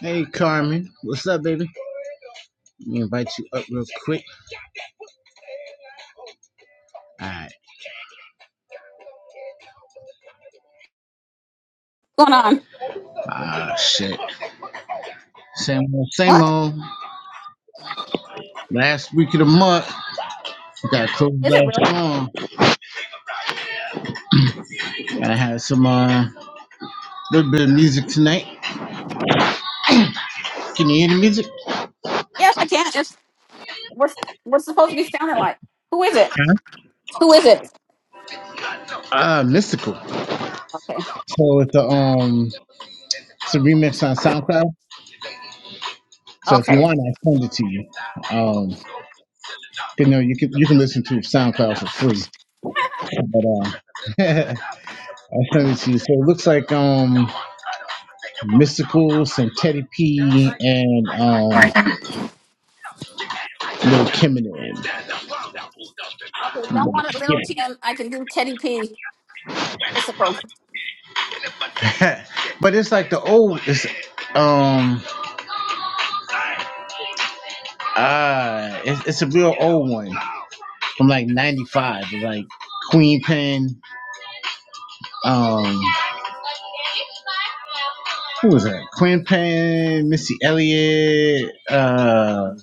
Hey Carmen, what's up, baby? Let me invite you up real quick. Alright. going on? Ah shit. Same old, same What old. Last week of the month. We gotta close it is it really? off strong. Gotta have some uh little bit of music tonight. Can you hear the music? Yes, I can't. It's we're we're supposed to be sounding like. Who is it? Huh? Who is it? Uh mystical. Okay. So it's a um it's a remix on SoundCloud. So if you Okay. want I send it to you. Um you know you can you can listen to SoundCloud for free. But um I send it to you. So it looks like um Mystical, Santetti P, and um, Lil Kim and Okay. them. Don't want it, Yeah. little Tim. I can do Teddy P. We're supposed. To. but it's like the old, it's, um, ah, it's, it's a real old one from like 95, like Queen Pen, um, who was that? Queen Pen, Missy Elliott, uh,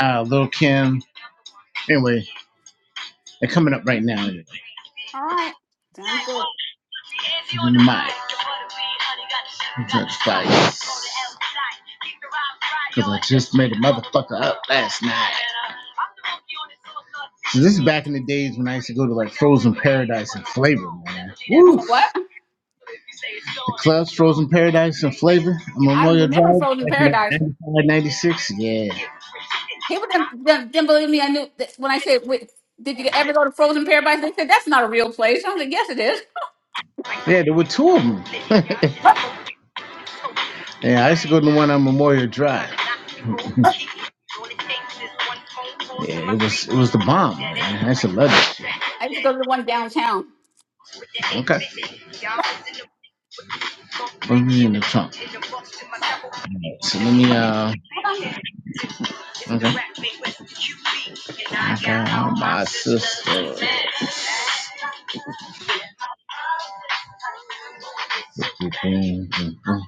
uh, Lil Kim. Anyway, they're coming up right now. All right. Sounds good. Dynamite. That's spice. Because I just made a motherfucker up last night. So this is back in the days when I used to go to like Frozen Paradise and Flavor, man. Woof. What? The clubs Frozen Paradise and Flavor on I Memorial remember Drive, Frozen back in Paradise. like 95, ninety-six. Yeah. People didn't, didn't, didn't believe me. I knew that when I said, Wait, "Did you ever go to Frozen Paradise?" They said, "That's not a real place." I was like, "Yes, it is." Yeah, there were two of them. Yeah, I used to go to the one on Memorial Drive. yeah, it was it was the bomb, man. I used to love it. I used to go to the one downtown. Okay. Put me in the trunk. So let me uh Hold on. okay. I got my sister.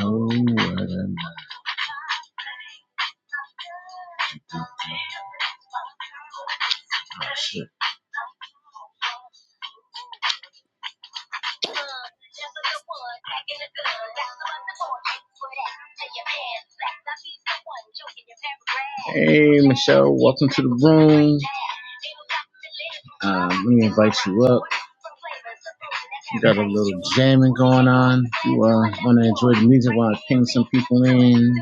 Oh, what a night. Hey, Michelle, welcome to the room. Um, let me invite you up. We got a little jamming going on. If you uh, want to enjoy the music while I ping some people in.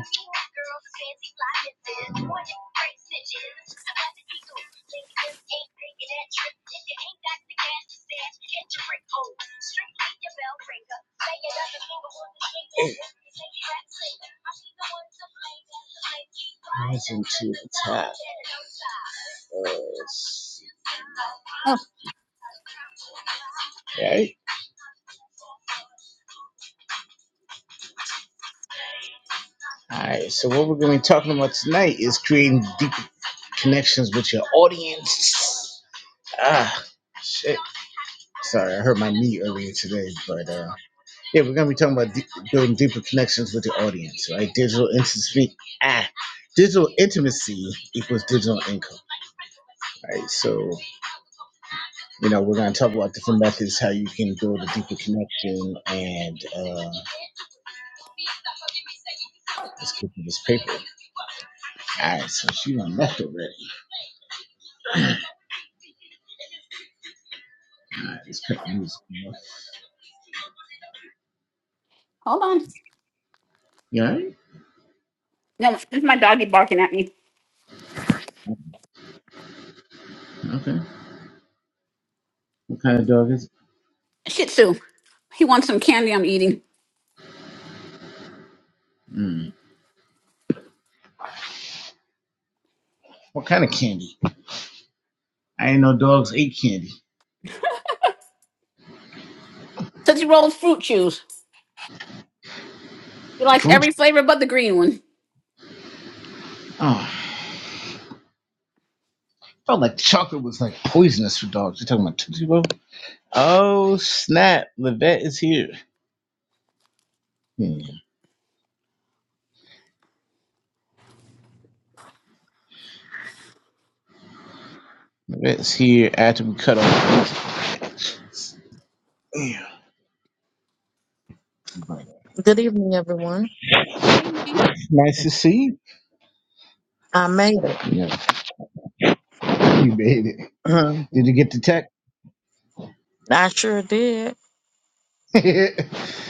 Rising to the top. Uh, Oh, okay. All right. So what we're going to be talking about tonight is creating deep connections with your audience. Ah, shit. Sorry, I hurt my knee earlier today, but uh, yeah, we're gonna be talking about de- building deeper connections with your audience, right? Digital intimacy. Ah, digital intimacy equals digital income. All Right. So You know, we're going to talk about different methods how you can build a deeper connection. And uh, let's get to this paper. All right, so she done left already. All right, let's cut the music. You hold on. You all No, this is my doggy barking at me. right? Okay. What kind of dog is it? Shih Tzu. He wants some candy I'm eating. Mm. What kind of candy? I ain't no dogs ate candy. Tootsie Rolls fruit juice. He likes Fruit? every flavor but the green one. Oh, felt like chocolate was like poisonous for dogs. You talking about Tootsie Roll? Oh, snap. Levette is here. Hmm. Levette is here after we cut off. the music. Yeah. Right. Good evening, everyone. What do you mean? Nice to see you. I made it. Yeah. You made it. Did Mhm. you get the text? I sure did.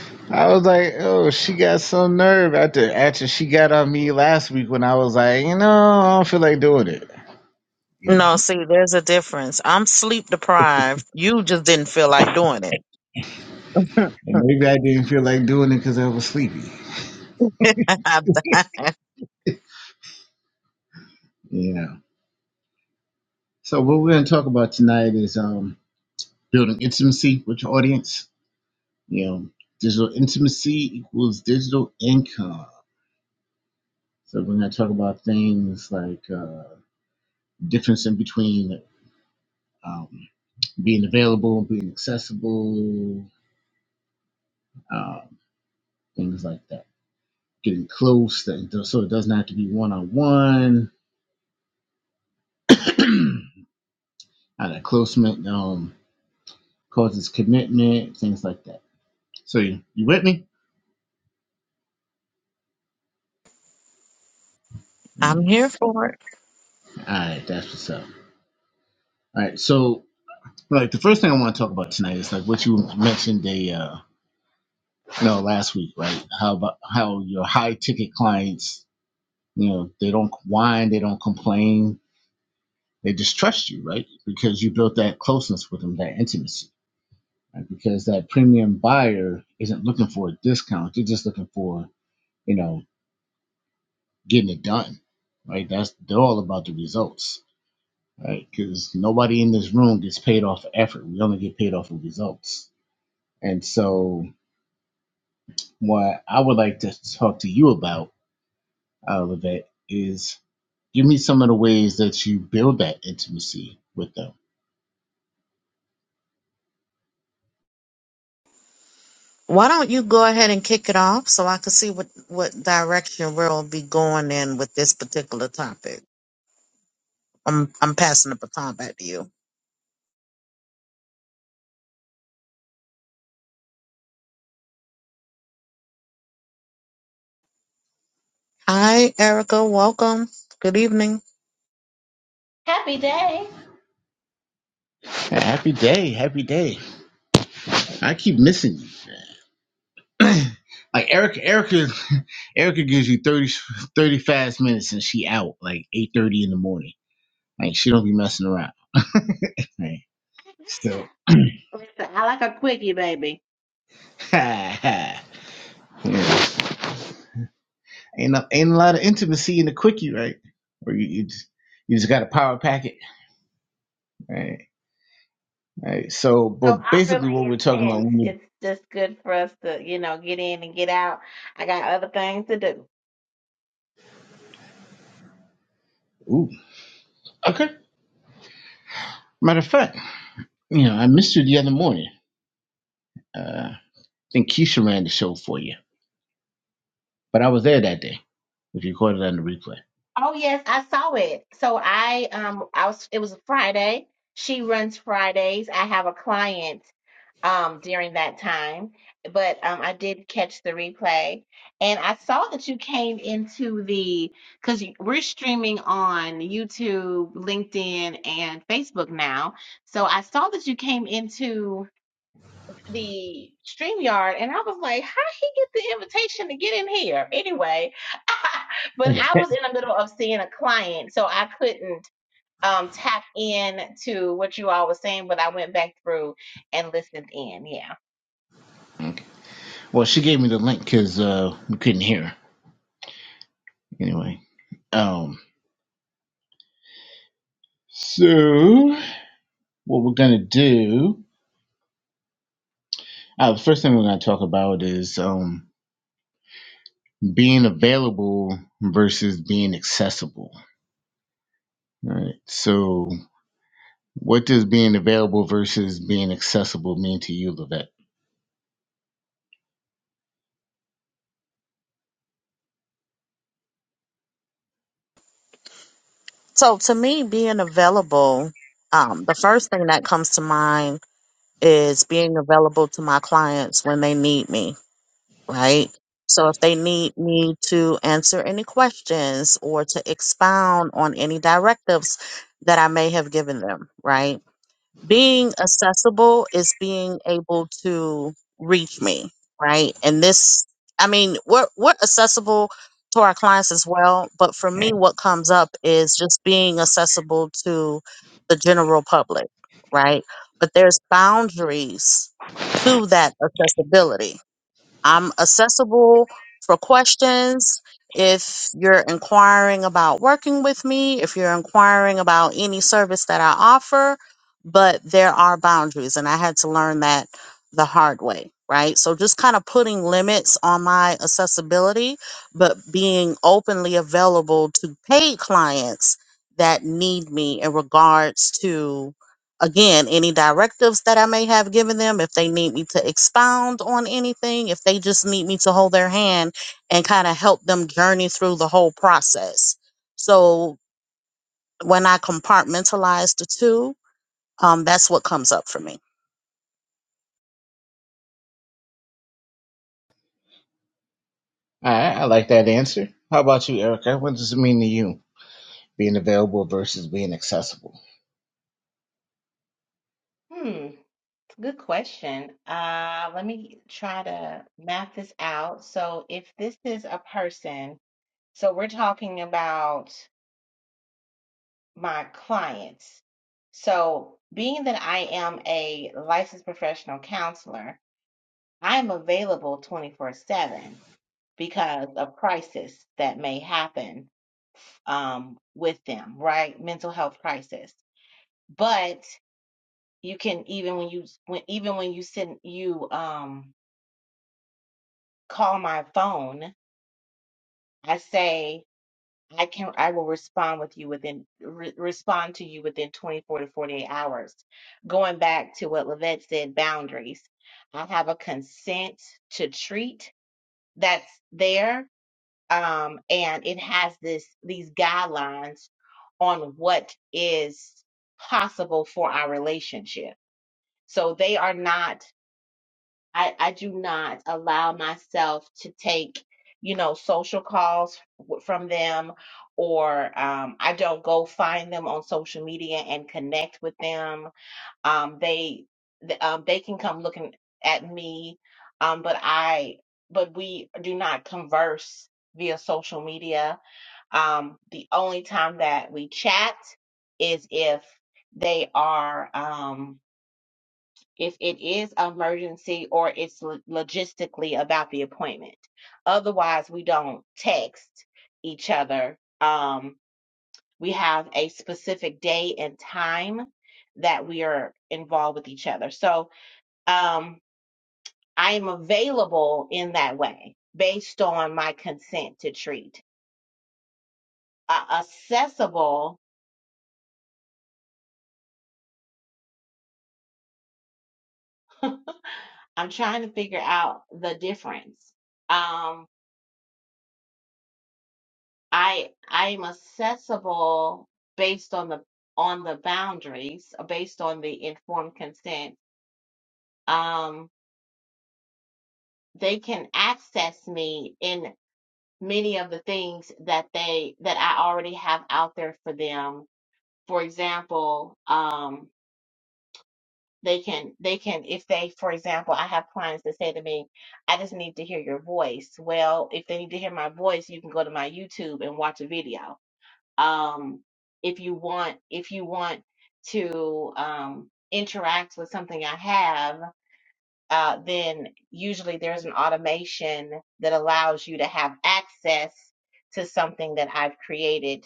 I was like, oh, she got some nerve after after she got on me last week when I was like, you know, I don't feel like doing it. You know, No, see, there's a difference. I'm sleep deprived. You just didn't feel like doing it. and maybe I didn't feel like doing it because I was sleepy. You know. So what we're gonna talk about tonight is um building intimacy with your audience. You know, digital intimacy equals digital income. So we're gonna talk about things like uh difference in between um being available, being accessible, um, things like that. Getting close, so it doesn't have to be one on one. That closeness um, causes commitment, things like that. So you, you with me? I'm Mm. here for it. All right, that's what's up. All right, so like the first thing I want to talk about tonight is like what you mentioned the uh, you know, last week, right? How about how your high ticket clients, you know, they don't whine, they don't complain, they just trust you, right? Because you built that closeness with them, that intimacy right? Because that premium buyer isn't looking for a discount; they're just looking for you know getting it done, right? That's they're all about the results, right? Because nobody in this room gets paid off for effort; we only get paid off for results. And so, what I would like to talk to you about, uh, Levette, is Give me some of the ways that you build that intimacy with them. Why don't you go ahead and kick it off so I can see what, what direction we'll be going in with this particular topic? I'm I'm passing the baton back to you. Hi, Erica. Welcome. Good evening. Happy day. Happy day, happy day. I keep missing you. like Erica, Erica, Erica gives you thirty, thirty fast minutes and she out like eight thirty in the morning. Like she don't be messing around. Right. So, Listen, I like a quickie, baby. yeah. Ain't a, ain't a lot of intimacy in the quickie, right? Or you you just, you just got a power packet, right? Right. So, So but I'm basically, really what we're talking about. intense. When you, It's just good for us to, you know, get in and get out. I got other things to do. ooh, okay. Matter of fact, you know, I missed you the other morning. Uh, I think Keisha ran the show for you, but I was there that day. If you caught it on the replay. Oh yes, I saw it. So I um I was it was a Friday. She runs Fridays. I have a client um during that time, but um I did catch the replay and I saw that you came into the because we're streaming on YouTube, LinkedIn, and Facebook now. So I saw that you came into the StreamYard and I was like, how he get the invitation to get in here? Anyway, but I Okay. was in the middle of seeing a client, so I couldn't um tap in to what you all were saying, but I went back through and listened in. Yeah. Okay. Well, she gave me the link because uh, we couldn't hear her anyway. Um. So, what we're gonna do? Uh, the first thing we're gonna talk about is um being available versus being accessible. Right. So, what does being available versus being accessible mean to you, Levette? So to me, being available, um, the first thing that comes to mind is being available to my clients when they need me, right? So if they need me to answer any questions or to expound on any directives that I may have given them, right? being accessible is being able to reach me right and this i mean we're, we're accessible to our clients as well but for me what comes up is just being accessible to the general public right but there's boundaries to that accessibility I'm accessible for questions. If you're inquiring about working with me, if you're inquiring about any service that I offer, but there are boundaries, and I had to learn that the hard way, right? So just kind of putting limits on my accessibility, but being openly available to paid clients that need me in regards to again, any directives that I may have given them, if they need me to expound on anything, if they just need me to hold their hand and kind of help them journey through the whole process. So when I compartmentalize the two, um, that's what comes up for me. All right, I like that answer. How about you, Erica? What does it mean to you? Being available versus being accessible. Hmm. Good question. Uh let me try to map this out. So if this is a person, so we're talking about my clients. So, being that I am a licensed professional counselor, I am available 24 7 because of crisis that may happen um, with them, right? Mental health crisis. But you can even when you when even when you send you um, call my phone, I say I can I will respond with you within re respond to you within 24 to 48 hours. Going back to what Lavette said, boundaries. I have a consent to treat that's there, um, and it has this these guidelines on what is possible for our relationship. So they are not I, I do not allow myself to take, you know, social calls w- from them, or um, I don't go find them on social media and connect with them. Um, they th- um, they can come looking at me, um, but I but we do not converse via social media. Um, the only time that we chat is if they are. Um, if it is emergency or it's lo- logistically about the appointment. Otherwise, we don't text each other. Um, we have a specific day and time that we are involved with each other. So um, I am available in that way based on my consent to treat. Uh, accessible, I'm trying to figure out the difference. Um, I I'm accessible based on the on the boundaries, uh, based on the informed consent. Um, they can access me in many of the things that they that I already have out there for them. For example, um, they can they can if they for example I have clients that say to me, I just need to hear your voice. Well, if they need to hear my voice, you can go to my YouTube and watch a video um, if you want if you want to um, interact with something I have, uh, then usually there's an automation that allows you to have access to something that I've created,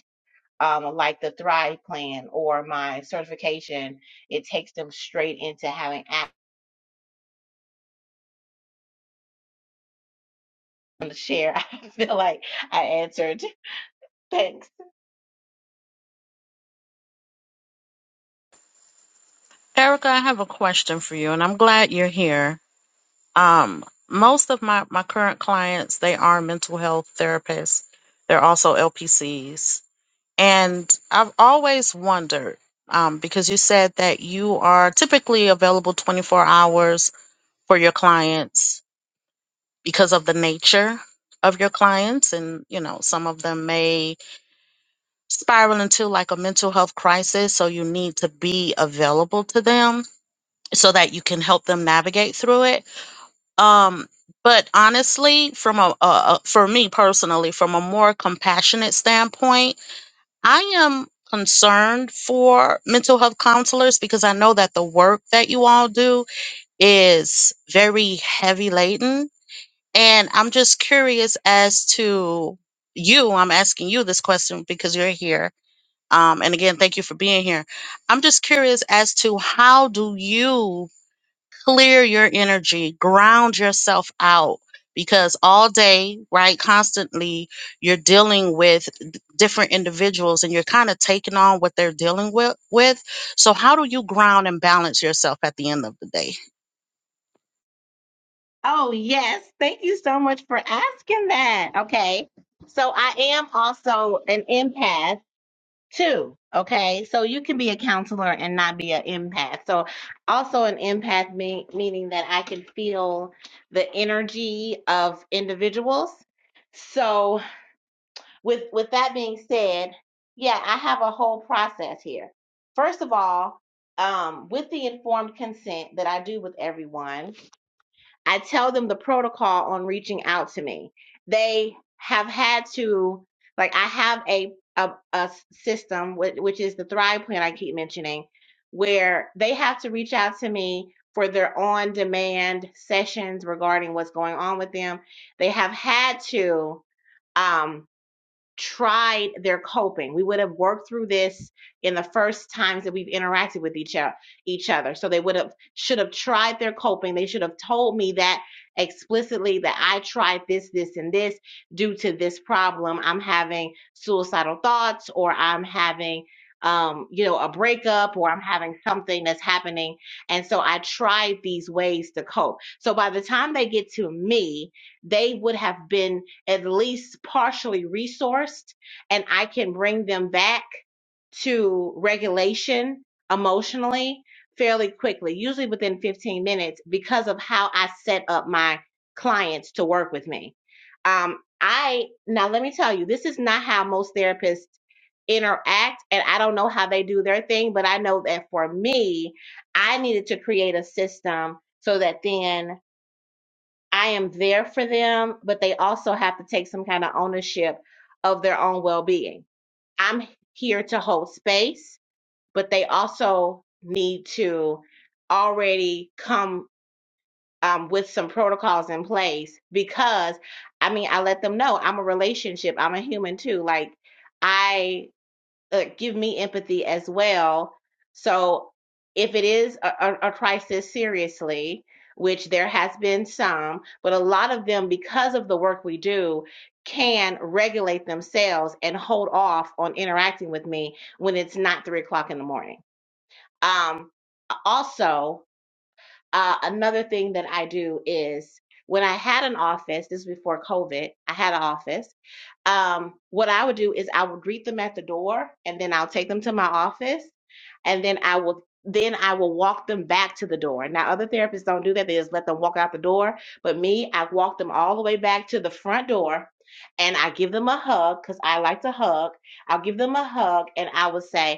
um, like the Thrive Plan or my certification. It takes them straight into having access to share. I feel like I answered. Thanks. Erica, I have a question for you, and I'm glad you're here. Um, most of my, my current clients, they are mental health therapists. They're also LPCs. And I've always wondered um, because you said that you are typically available 24 hours for your clients because of the nature of your clients. And, you know, some of them may spiral into like a mental health crisis. So you need to be available to them so that you can help them navigate through it. Um, but honestly, from a, a, a for me personally, from a more compassionate standpoint, I am concerned for mental health counselors because I know that the work that you all do is very heavy laden. And I'm just curious as to you, I'm asking you this question because you're here. Um, and again, thank you for being here. I'm just curious as to how do you clear your energy, ground yourself out because all day, right, constantly you're dealing with d- different individuals and you're kind of taking on what they're dealing with, with. So, how do you ground and balance yourself at the end of the day? Oh, yes. Thank you so much for asking that. Okay. So I am also an empath too. Okay. So you can be a counselor and not be an empath. So also an empath me- meaning that I can feel the energy of individuals. So with with that being said, yeah, I have a whole process here. First of all, um, with the informed consent that I do with everyone, I tell them the protocol on reaching out to me. They have had to, like, I have a a a system which, which is the Thrive Plan I keep mentioning, where they have to reach out to me for their on-demand sessions regarding what's going on with them. They have had to. Um, tried their coping. We would have worked through this in the first times that we've interacted with each other, each other. So they would have should have tried their coping. They should have told me that explicitly that I tried this, this, and this due to this problem. I'm having suicidal thoughts or I'm having um, you know, a breakup or I'm having something that's happening. And so I tried these ways to cope. So by the time they get to me, they would have been at least partially resourced and I can bring them back to regulation emotionally fairly quickly, usually within 15 minutes, because of how I set up my clients to work with me. Um, I now let me tell you, this is not how most therapists interact, and I don't know how they do their thing, but I know that for me, I needed to create a system so that then I am there for them, but they also have to take some kind of ownership of their own well being. I'm here to hold space, but they also need to already come um, with some protocols in place because I mean, I let them know I'm a relationship, I'm a human too. Like, I uh, give me empathy as well. So if it is a, a, a crisis, seriously, which there has been some, but a lot of them, because of the work we do, can regulate themselves and hold off on interacting with me when it's not three o'clock in the morning. Um, also, uh, another thing that I do is when I had an office, this is before COVID, I had an office. Um, what I would do is I would greet them at the door and then I'll take them to my office and then I will then I will walk them back to the door. Now other therapists don't do that, they just let them walk out the door. But me, I walk them all the way back to the front door and I give them a hug because I like to hug. I'll give them a hug and I will say,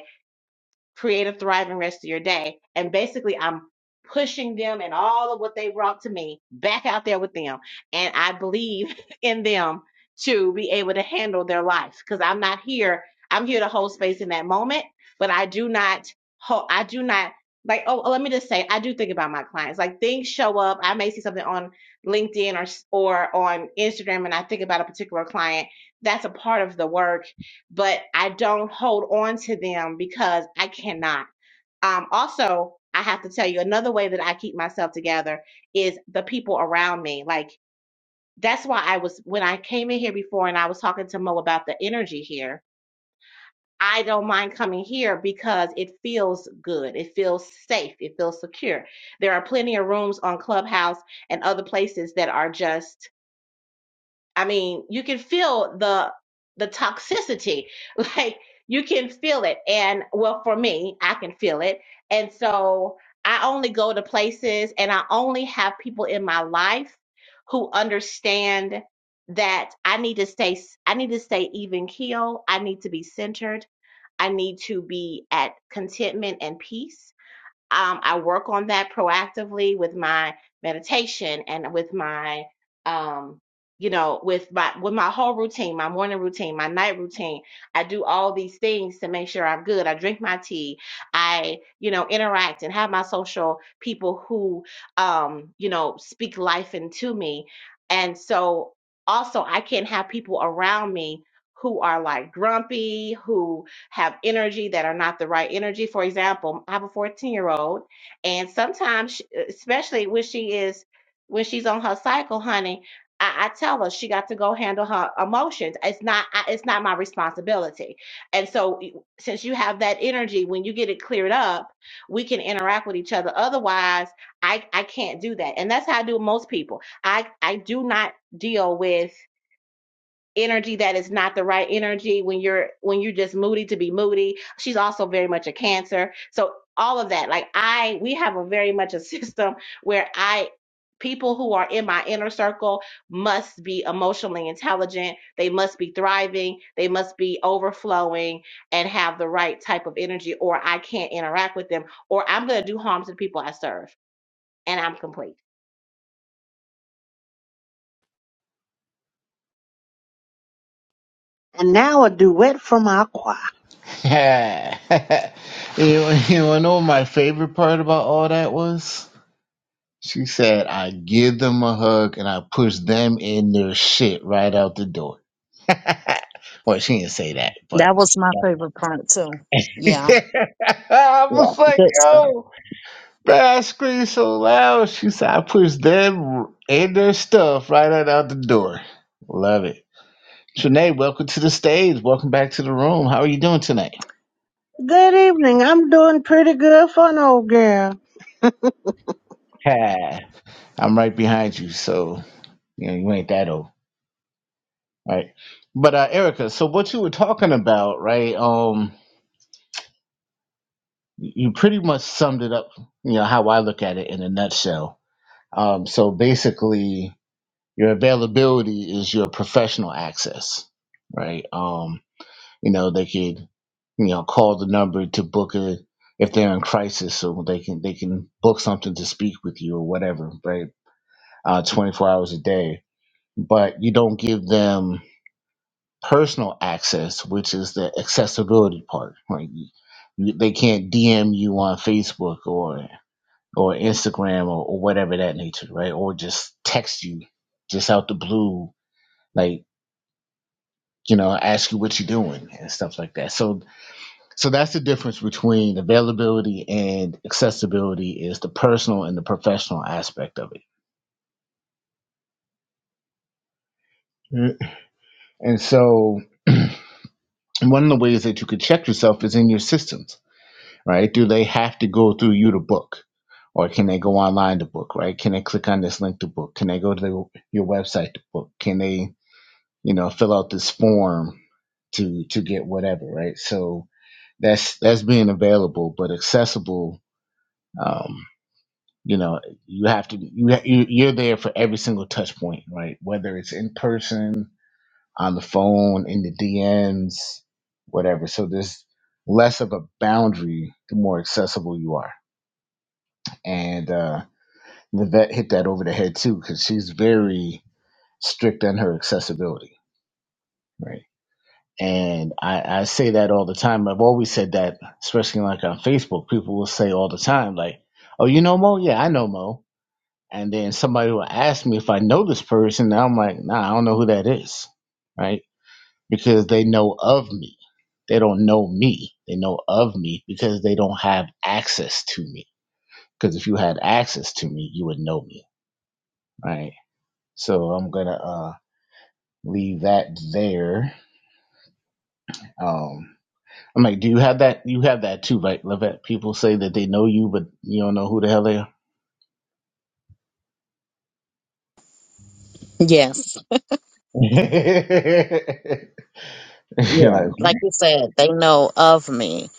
create a thriving rest of your day. And basically, I'm pushing them and all of what they brought to me back out there with them. And I believe in them to be able to handle their life because I'm not here. I'm here to hold space in that moment, but I do not, hold. I do not. Like, oh, let me just say, I do think about my clients. Like, things show up. I may see something on LinkedIn or or on Instagram, and I think about a particular client. That's a part of the work but I don't hold on to them because I cannot. Um, also, I have to tell you another way that I keep myself together is the people around me. Like that's why I was when I came in here before and I was talking to Mo about the energy here. I don't mind coming here because it feels good. It feels safe. It feels secure. There are plenty of rooms on Clubhouse and other places that are just I mean, you can feel the the toxicity. Like you can feel it. And well, for me, I can feel it. And so I only go to places and I only have people in my life who understand that I need to stay I need to stay even keel. I need to be centered. I need to be at contentment and peace um, I work on that proactively with my meditation and with my, um, you know, with my with my whole routine, my morning routine, my night routine. I do all these things to make sure I'm good. I drink my tea. I, you know, interact and have my social people who, um, you know, speak life into me. And so also, I can't have people around me who are like grumpy, who have energy that are not the right energy. For example, I have a 14 year old, and sometimes, she- especially when she is when she's on her cycle, honey, I, I tell her she got to go handle her emotions. It's not I, it's not my responsibility. And so, y- since you have that energy, when you get it cleared up, we can interact with each other. Otherwise, I I can't do that, and that's how I do with most people. I I do not deal with energy that is not the right energy when you're when you're just moody to be moody she's also very much a cancer so all of that like i we have a very much a system where i people who are in my inner circle must be emotionally intelligent they must be thriving they must be overflowing and have the right type of energy or i can't interact with them or i'm going to do harm to the people i serve and i'm complete And now a duet from our choir. you, you wanna know what my favorite part about all that was? She said, I give them a hug and I push them in their shit right out the door. well, she didn't say that, but. That was my favorite part too. Yeah. I Yeah. was like, Good stuff. yo, man, I screamed so loud. She said, I pushed them and their stuff right out, out the door. Love it. Trinae, welcome to the stage. Welcome back to the room. How are you doing tonight? Good evening. I'm doing pretty good for an old girl. Ha, I'm right behind you, so you know you ain't that old, right? But uh, Erica, so what you were talking about, right? Um, you pretty much summed it up. You know how I look at it in a nutshell. Um, so basically, Your availability is your professional access, right? Um, you know, they could, you know, call the number to book a if they're in crisis, so they can they can book something to speak with you or whatever, right? Uh, 24 hours a day, but you don't give them personal access, which is the accessibility part, right? You, you- they can't DM you on Facebook or or Instagram or, or whatever of that nature, right? Or just text you just out the blue. Like you know, ask you what you're doing and stuff like that. So so that's the difference between availability and accessibility is the personal and the professional aspect of it. Mm. And so one of the ways that you could check yourself is in your systems, right? Do they have to go through you to book? Or can they go online to book, right? Can they click on this link to book? Can they go to the, your website to book? Can they you know, fill out this form to to get whatever, right? So that's that's being available, but accessible. Um, you know, you have to you ha- you- you're there for every single touch point, right? Whether it's in person, on the phone, in the DMs, whatever. So there's less of a boundary the more accessible you are. And uh, the vet hit that over the head too, because she's very strict on her accessibility, right? And I, I say that all the time. I've always said that, especially like on Facebook, people will say all the time, like, oh, you know Mo? Yeah, I know Mo. And then somebody will ask me if I know this person. And I'm like, nah, I don't know who that is. Right. Because they know of me. They don't know me. They know of me because they don't have access to me. Because if you had access to me, you would know me. Right. So I'm going to uh, leave that there. Um, I'm like, do you have that? You have that too, right, Levette? People say that they know you, but you don't know who the hell they are. Yes. You're Yeah, like, like you said, they know of me,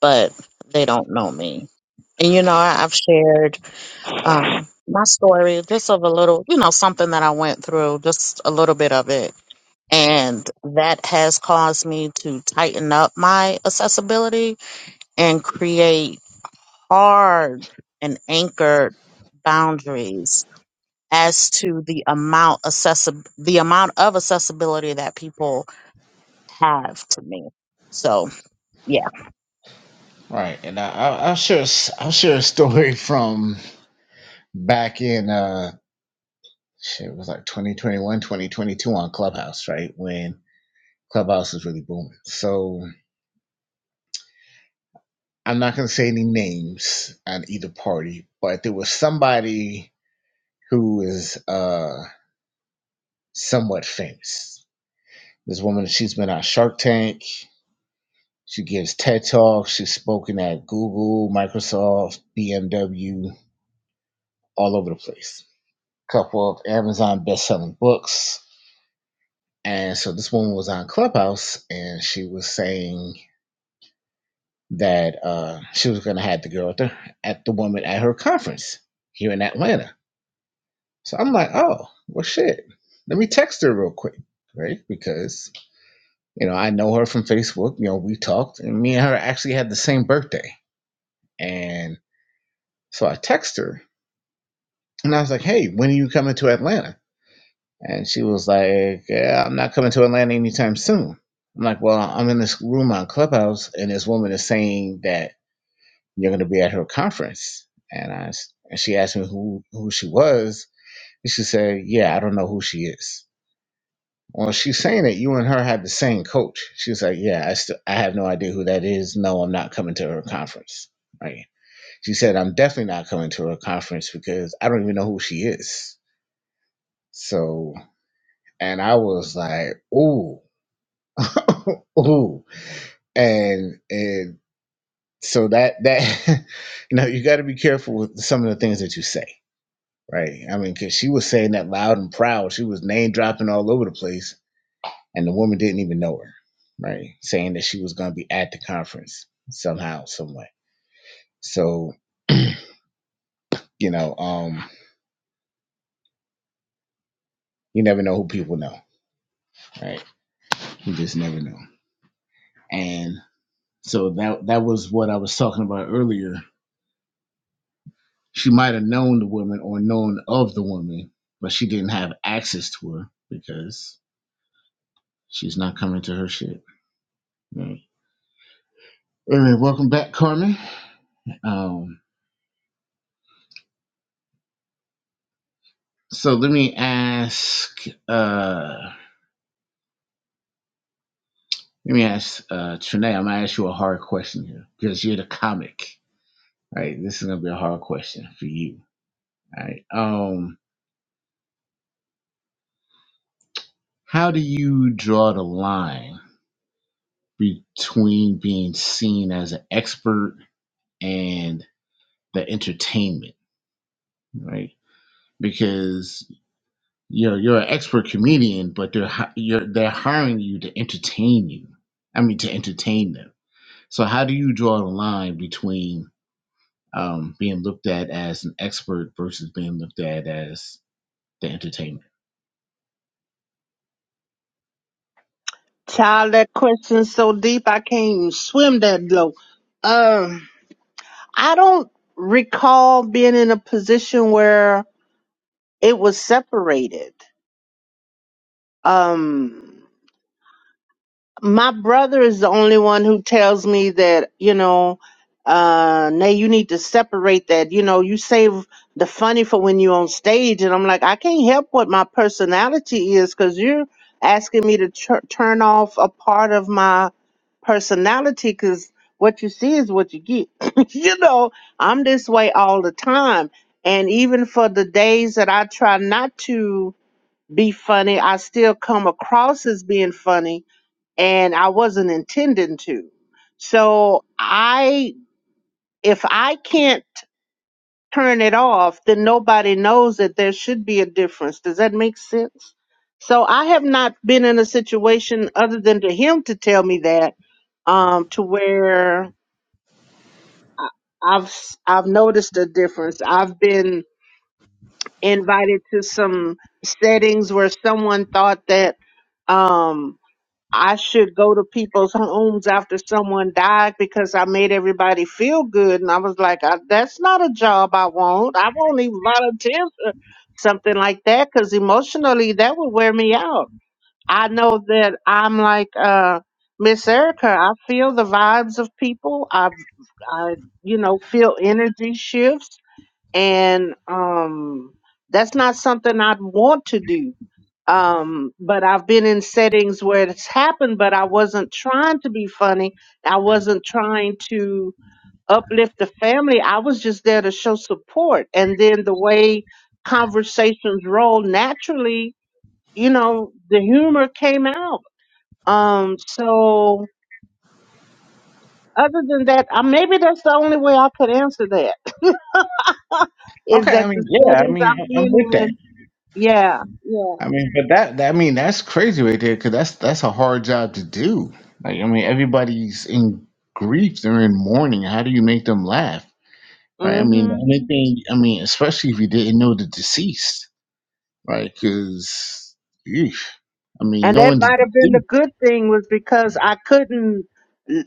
but they don't know me. And you know, I, I've shared um, my story just of a little, you know, something that I went through, just a little bit of it. And that has caused me to tighten up my accessibility and create hard and anchored boundaries as to the amount accessi- the amount of accessibility that people have to me. So, yeah. right? And I, I, I'll share, a s- I'll share a story from back in, uh, shit, it was like 2021, 2022 on Clubhouse, right? When Clubhouse was really booming. So I'm not gonna say any names on either party, but there was somebody who is uh somewhat famous. This woman, she's been on Shark Tank She gives TED Talks. She's spoken at Google, Microsoft, BMW, all over the place. A Couple of Amazon best-selling books. And so this woman was on Clubhouse, and she was saying that uh, she was going to have the girl at the, at the woman at her conference here in Atlanta. So I'm like, oh, well, shit. Let me text her real quick, right? Because you know I know her from Facebook. You know we talked, and me and her actually had the same birthday. And so I text her, And I was like, hey, when are you coming to Atlanta? And she was like, yeah, I'm not coming to Atlanta anytime soon. I'm like, well, I'm in this room on Clubhouse, and this woman is saying that you're going to be at her conference. And I, s- and she asked me who, who she was. And she said, yeah, I don't know who she is. Well, she's saying that you and her had the same coach. She's like, yeah, I, still I have no idea who that is. No, I'm not coming to her conference. Right. She said, I'm definitely not coming to her conference because I don't even know who she is. So and I was like, ooh, ooh, and and so that that you know you got to be careful with some of the things that you say, right? I mean, because she was saying that loud and proud, she was name dropping all over the place, and the woman didn't even know her, right? Saying that she was going to be at the conference somehow, some way. So you know, um, you never know who people know, right? You just never know, and so that that was what I was talking about earlier She might have known the woman or known of the woman, but she didn't have access to her because she's not coming to her shit. Right. Anyway, welcome back, Carmen. Um, so let me ask uh let me ask uh Trinae, I'm gonna ask you a hard question here because you're the comic. All Right, this is gonna be a hard question for you. All right. Um, how do you draw the line between being seen as an expert and the entertainment? right? Because you're you're an expert comedian, but they're hi- you're, they're hiring you to entertain you. I mean, to entertain them. So how do you draw the line between um, being looked at as an expert versus being looked at as the entertainment? Child, that question's so deep I can't even swim that low. Um, I don't recall being in a position where it was separated. Um, my brother is the only one who tells me that you know uh nay you need to separate that you know you save the funny for when you're on stage and i'm like i can't help what my personality is because you're asking me to tur turn off a part of my personality because what you see is what you get you know i'm this way all the time and even for the days that i try not to be funny i still come across as being funny and I wasn't intending to. So I, if I can't turn it off, then nobody knows that there should be a difference. Does that make sense? So I have not been in a situation other than to him to tell me that, um, to where I've s- I've noticed a difference. I've been invited to some settings where someone thought that. Um, I should go to people's homes after someone died because I made everybody feel good. And I was like, I, that's not a job I want. I won't even volunteer for something like that because emotionally that would wear me out. I know that I'm like uh, Miss Erica. I feel the vibes of people. I, I, you know, feel energy shifts and um, that's not something I'd want to do. Um, but I've been in settings where it's happened, but I wasn't trying to be funny. I wasn't trying to uplift the family. I was just there to show support. And then the way conversations roll naturally, you know, the humor came out. Um, so other than that, uh, maybe that's the only way I could answer that is Okay, I that the mean, yeah, I settings mean, I've I- I'm been with in that. Yeah, yeah. I mean, but that, that I mean, that's crazy right there because that's that's a hard job to do. Like, I mean, everybody's in grief; they're in mourning. How do you make them laugh? right? I mean, hmm the only thing, I mean, especially if you didn't know the deceased, right? Because, I mean, And that knowing the might have been the deceased. good thing was because I couldn't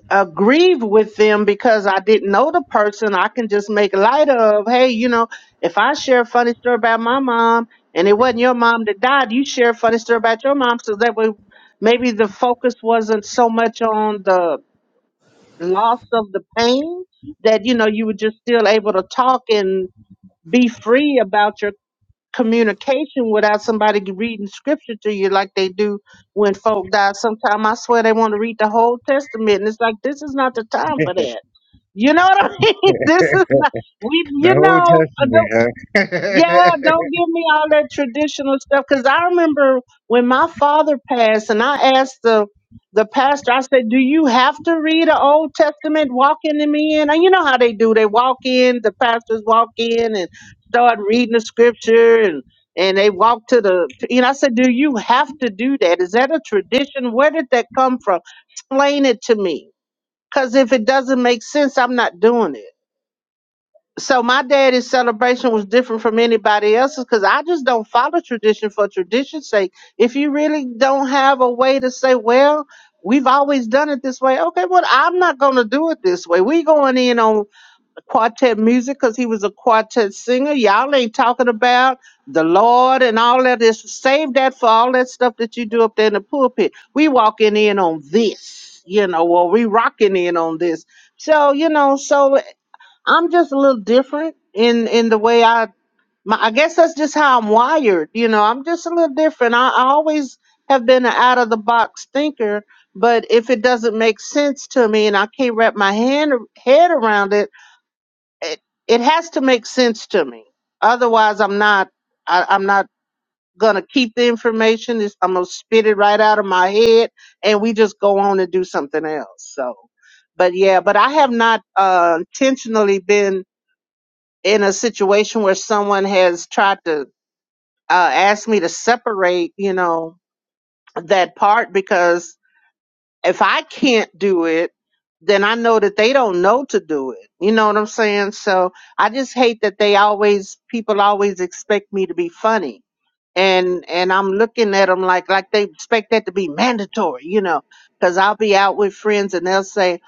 uh, grieve with them because I didn't know the person. I can just make light of, hey, you know, if I share a funny story about my mom and it wasn't your mom that died, you share a funny story about your mom. So that way maybe the focus wasn't so much on the loss of the pain that, you know, you were just still able to talk and be free about your communication without somebody reading scripture to you like they do when folk die. Sometimes I swear they want to read the whole testament, and it's like this is not the time for that. You know what I mean? This is not we. You The know, whole yeah, testament, huh? don't give me all that traditional stuff. Cause I remember when my father passed, and I asked the the pastor, I said, "Do you have to read an Old Testament walking in the in?" And you know how they do. They walk in, the pastors walk in, and start reading the scripture, and and they walk to the. And I said, "Do you have to do that? Is that a tradition? Where did that come from? Explain it to me. Cause if it doesn't make sense, I'm not doing it." so my daddy's celebration was different from anybody else's because I just don't follow tradition for tradition's sake. If you really don't have a way to say, well, we've always done it this way, okay, well, I'm not going to do it this way. We going in on quartet music because he was a quartet singer. Y'all ain't talking about the Lord and all that. This save that for all that stuff that you do up there in the pulpit. We walking in on this, you know, or we rocking in on this. So you know, so I'm just a little different in in the way I my, I guess that's just how I'm wired. You know, I'm just a little different. I, I always have been an out of the box thinker, but if it doesn't make sense to me and I can't wrap my hand head around it, it, it has to make sense to me. Otherwise, I'm not I, I'm not gonna keep the information. It's, I'm gonna spit it right out of my head, and we just go on and do something else. So, but yeah, but I have not uh, intentionally been in a situation where someone has tried to uh, ask me to separate, you know, that part because if I can't do it, then I know that they don't know to do it. You know what I'm saying? So I just hate that they always people always expect me to be funny. And and I'm looking at them like like they expect that to be mandatory, you know, cuz I'll be out with friends and they'll say,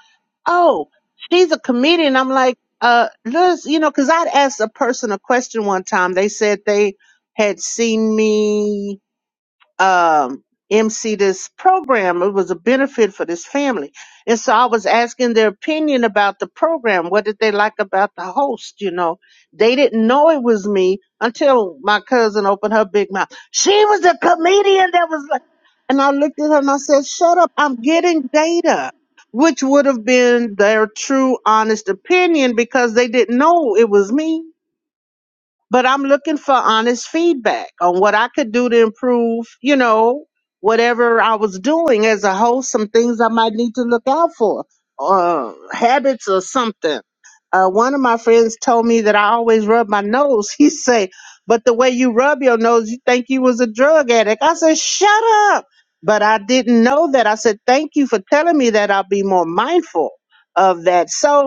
oh, she's a comedian. I'm like, uh, Liz, you know, because I'd asked a person a question one time. They said they had seen me um, MC this program. It was a benefit for this family. And so I was asking their opinion about the program. What did they like about the host? You know, they didn't know it was me until my cousin opened her big mouth. She was a comedian that was like, and I looked at her and I said, shut up. I'm getting data, which would have been their true, honest opinion because they didn't know it was me but I'm looking for honest feedback on what I could do to improve, you know, whatever I was doing as a host, some things I might need to look out for, uh, habits or something. Uh, one of my friends told me that I always rub my nose. He say, but the way you rub your nose, you think you was a drug addict. I said, shut up. But I didn't know that. I said, thank you for telling me that. I'll be more mindful of that. So,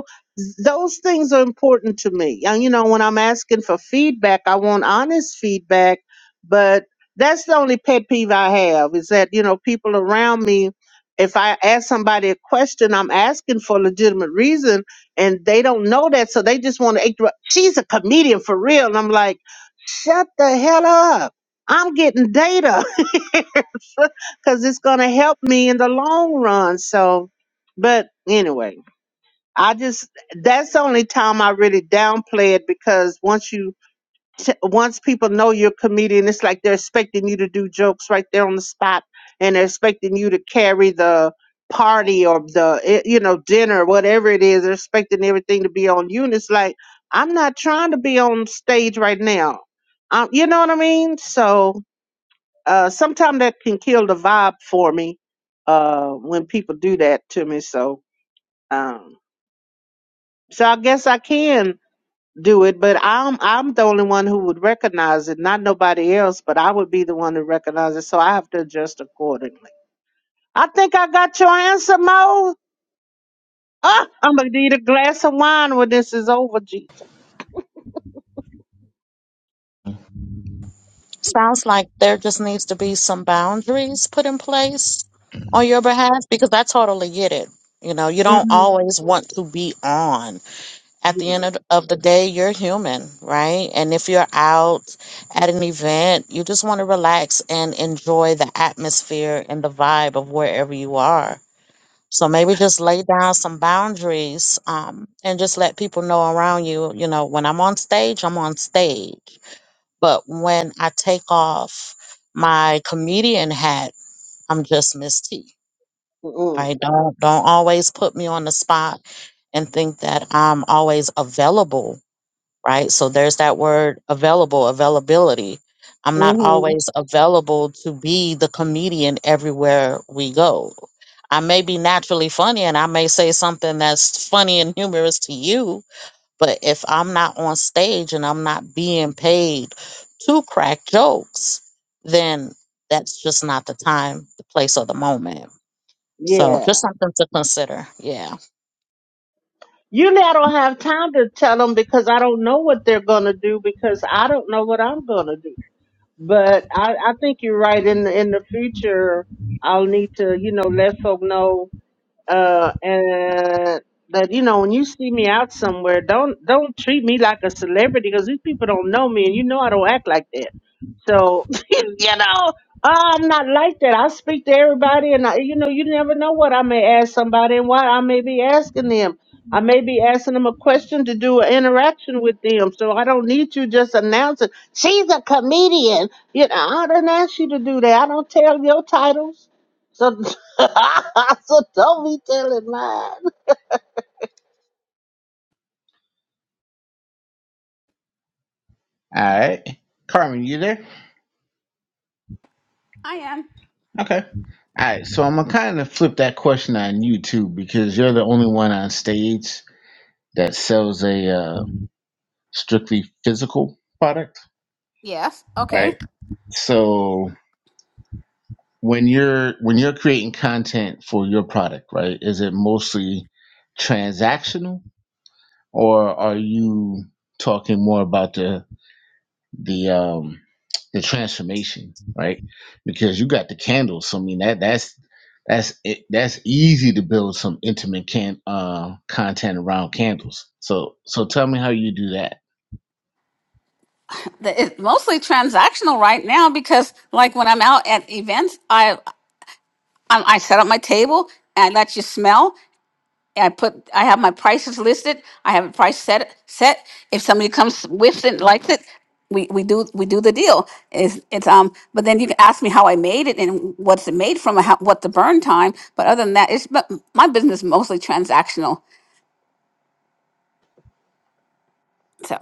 those things are important to me. And you know, when I'm asking for feedback, I want honest feedback, but that's the only pet peeve I have is that, you know, people around me, if I ask somebody a question, I'm asking for a legitimate reason and they don't know that. So they just want to, act ru- she's a comedian for real. And I'm like, shut the hell up. I'm getting data because it's going to help me in the long run. So, but anyway. I just that's the only time I really downplay it because once you t- once people know you're a comedian, it's like they're expecting you to do jokes right there on the spot, and they're expecting you to carry the party or the eh, you know dinner, whatever it is. They're expecting everything to be on you, and it's like I'm not trying to be on stage right now. Um, you know what I mean? So uh, sometimes that can kill the vibe for me uh, when people do that to me. So um, so I guess I can do it, but I'm I'm the only one who would recognize it, not nobody else, but I would be the one to recognize it, so I have to adjust accordingly. I think I got your answer, Mo. Ah, I'm gonna need a glass of wine when this is over, Jesus. Sounds like there just needs to be some boundaries put in place on your behalf because I totally get it. You know, you don't Mm-hmm. always want to be on. At the end Mm-hmm. of of the day, you're human, right? And if you're out at an event, you just want to relax and enjoy the atmosphere and the vibe of wherever you are. So maybe just lay down some boundaries um, and just let people know around you, you know, when I'm on stage, I'm on stage but when I take off my comedian hat, I'm just Miss T. I don't don't always put me on the spot and think that I'm always available, right? So there's that word available, availability. I'm not Mm-hmm. always available to be the comedian everywhere we go. I may be naturally funny and I may say something that's funny and humorous to you, but if I'm not on stage and I'm not being paid to crack jokes, then that's just not the time, the place, or the moment. So Yeah. just something to consider. Yeah. You now don't have time to tell them because I don't know what they're gonna do because I don't know what I'm gonna do. But I, I think you're right. In the, in the future, I'll need to, you know, let folk know uh, and that you know when you see me out somewhere, don't don't treat me like a celebrity because these people don't know me, and you know I don't act like that. So you know oh, I'm not like that. I speak to everybody, and I, you know you never know what I may ask somebody and why I may be asking them. I may be asking them a question to do an interaction with them, so I don't need you just announcing she's a comedian. You know I don't ask you to do that. I don't tell your titles. So, so don't be telling lies. All right. Carmen, you there? I am. Okay. All right. So I'm going to kind of flip that question on you, too, because you're the only one on stage that sells a uh, strictly physical product, Yes. right? Okay. So. when you're when you're creating content for your product right is it mostly transactional or are you talking more about the the um the transformation right because you got the candles so i mean that that's that's it, that's easy to build some intimate can uh content around candles so so tell me how you do that The, it's mostly transactional right now because, like, when I'm out at events, I I, I set up my table and I let you smell. And I put I have my prices listed. I have a price set set. If somebody comes with it, likes it, we, we do we do the deal. It's, it's um. But then you can ask me how I made it and what's it made from, and how, what the burn time. But other than that, it's but my business is mostly transactional. So,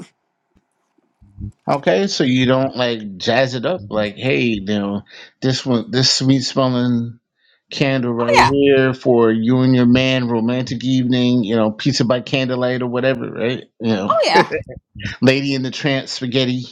Okay, so you don't like jazz it up like, hey, you know, this one, this sweet smelling candle oh right yeah, here for you and your man, romantic evening, you know, pizza by candlelight or whatever, right? You know, oh lady in the trance spaghetti,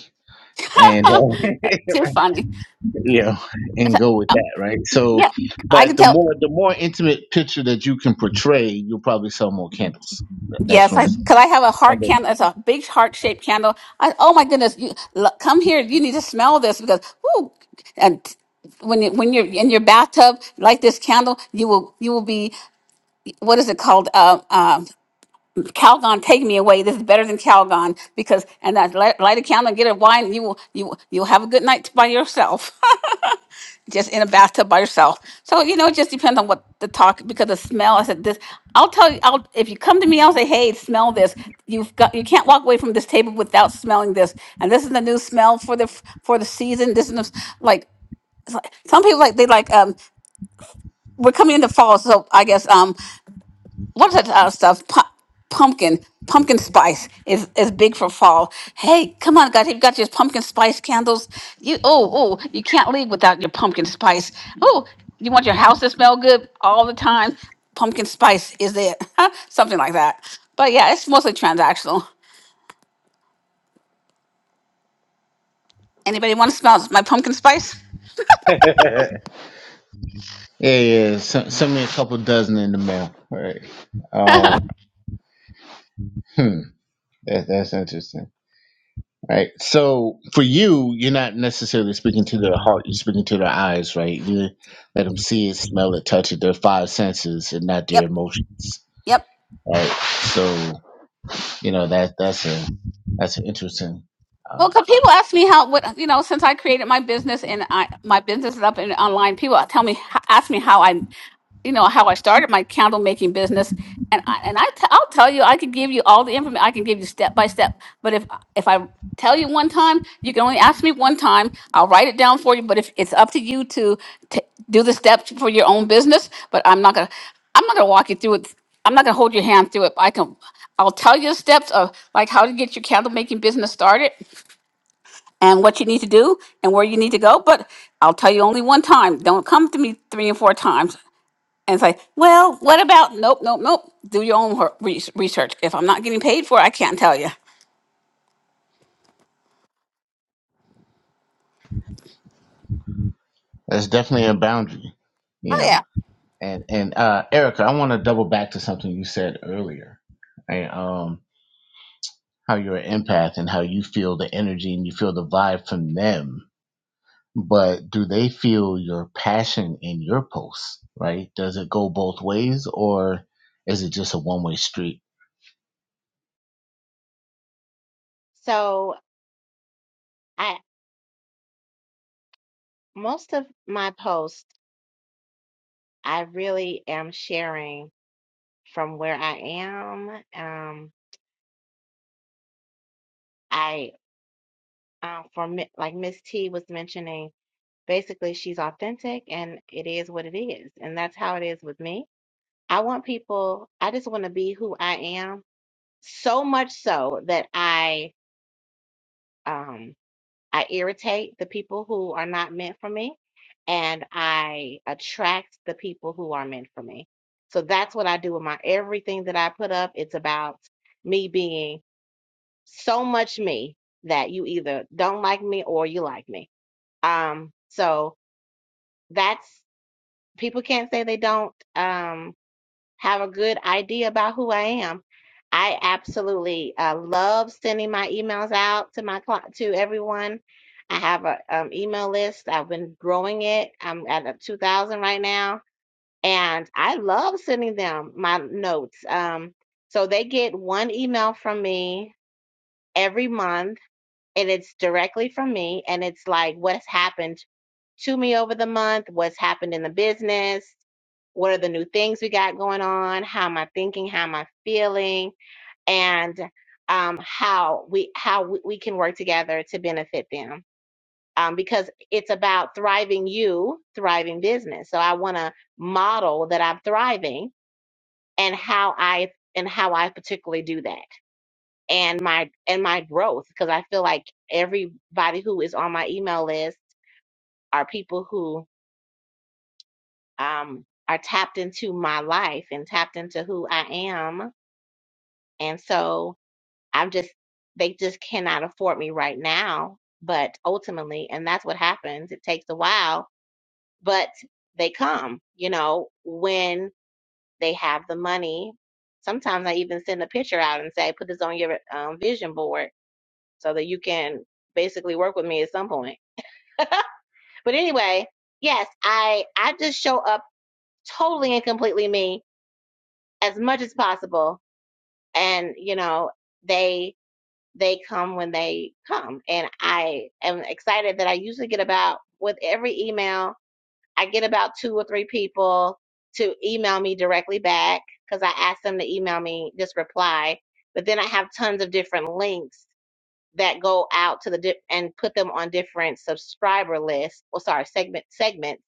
and uh, yeah, That's too funny. you know, It's and a- go with that, right? So, yeah, I but can the tell. more the more intimate picture that you can portray, you'll probably sell more candles. That's Yes, what I because I have a I'm heart saying. candle. It's a big heart shaped candle. I, oh my goodness, you look, come here. You need to smell this because whoo, and when you, when you're in your bathtub, light this candle. You will you will be what is it called? Uh, um Calgon, take me away. This is better than Calgon because and that light, light a candle, and get a wine. And you will you will- you'll have a good night by yourself. just in a bathtub by yourself. So you know, it just depends on what the talk because the smell. I said this. I'll tell you. I'll if you come to me, I'll say, hey, smell this. You've got you can't walk away from this table without smelling this. And this is the new smell for the f- for the season. This is the, s- like it's like- some people like they like um. We're coming into fall, so I guess um, what's that other stuff? Pu- pumpkin, pumpkin spice is is big for fall. Hey, come on, guys! You've got your pumpkin spice candles. You oh oh, you can't leave without your pumpkin spice. Oh, you want your house to smell good all the time? Pumpkin spice is it? Something like that. But yeah, it's mostly transactional. Anybody want to smell my pumpkin spice? yeah, yeah. Send, send me a couple dozen in the mail, right? Um, hmm. That, that's interesting, right? So for you, you're not necessarily speaking to their heart; you're speaking to their eyes, right? You let them see it, smell it, touch it, their five senses, and not their Yep. emotions, yep. right? So you know that that's a that's an interesting. Uh, Well, 'cause people ask me how, what you know, since I created my business and I my business is up and online, people tell me ask me how I, you know, how I started my candle making business, and I and I t- I'll tell you, I could give you all the information, I can give you step by step. But if if I tell you one time, you can only ask me one time. I'll write it down for you. But if it's up to you to t- do the steps for your own business, but I'm not gonna I'm not gonna walk you through it. I'm not gonna hold your hand through it. I can. I'll tell you the steps of like how to get your candle making business started and what you need to do and where you need to go. But I'll tell you only one time. Don't come to me three and four times and say, well, what about? Nope, nope, nope. Do your own wor- res- research. If I'm not getting paid for it, I can't tell you. that's definitely a boundary, you know. Oh, And and uh, Erica, I want to double back to something you said earlier, right? Um, how you're an empath and how you feel the energy and you feel the vibe from them but do they feel your passion in your posts right does it go both ways or is it just a one-way street so i most of my posts I really am sharing from where I am. Um, I, uh, for mi- like Miss T was mentioning, basically she's authentic and it is what it is. And that's how it is with me. I want people, I just want to be who I am so much so that I, um I irritate the people who are not meant for me, and I attract the people who are meant for me. So that's what I do with my everything that I put up. It's about me being so much me that you either don't like me or you like me. Um, so that's people can't say they don't. Um, have a good idea about who I am. I absolutely uh, love sending my emails out to my cli- to everyone. I have a um, email list. I've been growing it. I'm at a 2,000 right now, and I love sending them my notes. Um, so they get one email from me every month, and it's directly from me, and it's like what's happened to me over the month, what's happened in the business, what are the new things we got going on, how am I thinking, how am I feeling, and um, how we how we we can work together to benefit them. Um, because it's about thriving you, thriving business. So I want to model that I'm thriving and how I and how I particularly do that and my and my growth because I feel like everybody who is on my email list are people who um, are tapped into my life and tapped into who I am. And so I'm just, they just cannot afford me right now. But ultimately, and that's what happens, it takes a while, but they come, you know, when they have the money. Sometimes I even send a picture out and say, put this on your um, vision board so that you can basically work with me at some point. But anyway, yes, I, I just show up totally and completely me as much as possible and you know they they come when they come and i am excited that i usually get about with every email i get about two or three people to email me directly back because i ask them to email me just reply but then i have tons of different links that go out to the di- and put them on different subscriber lists well sorry segment segments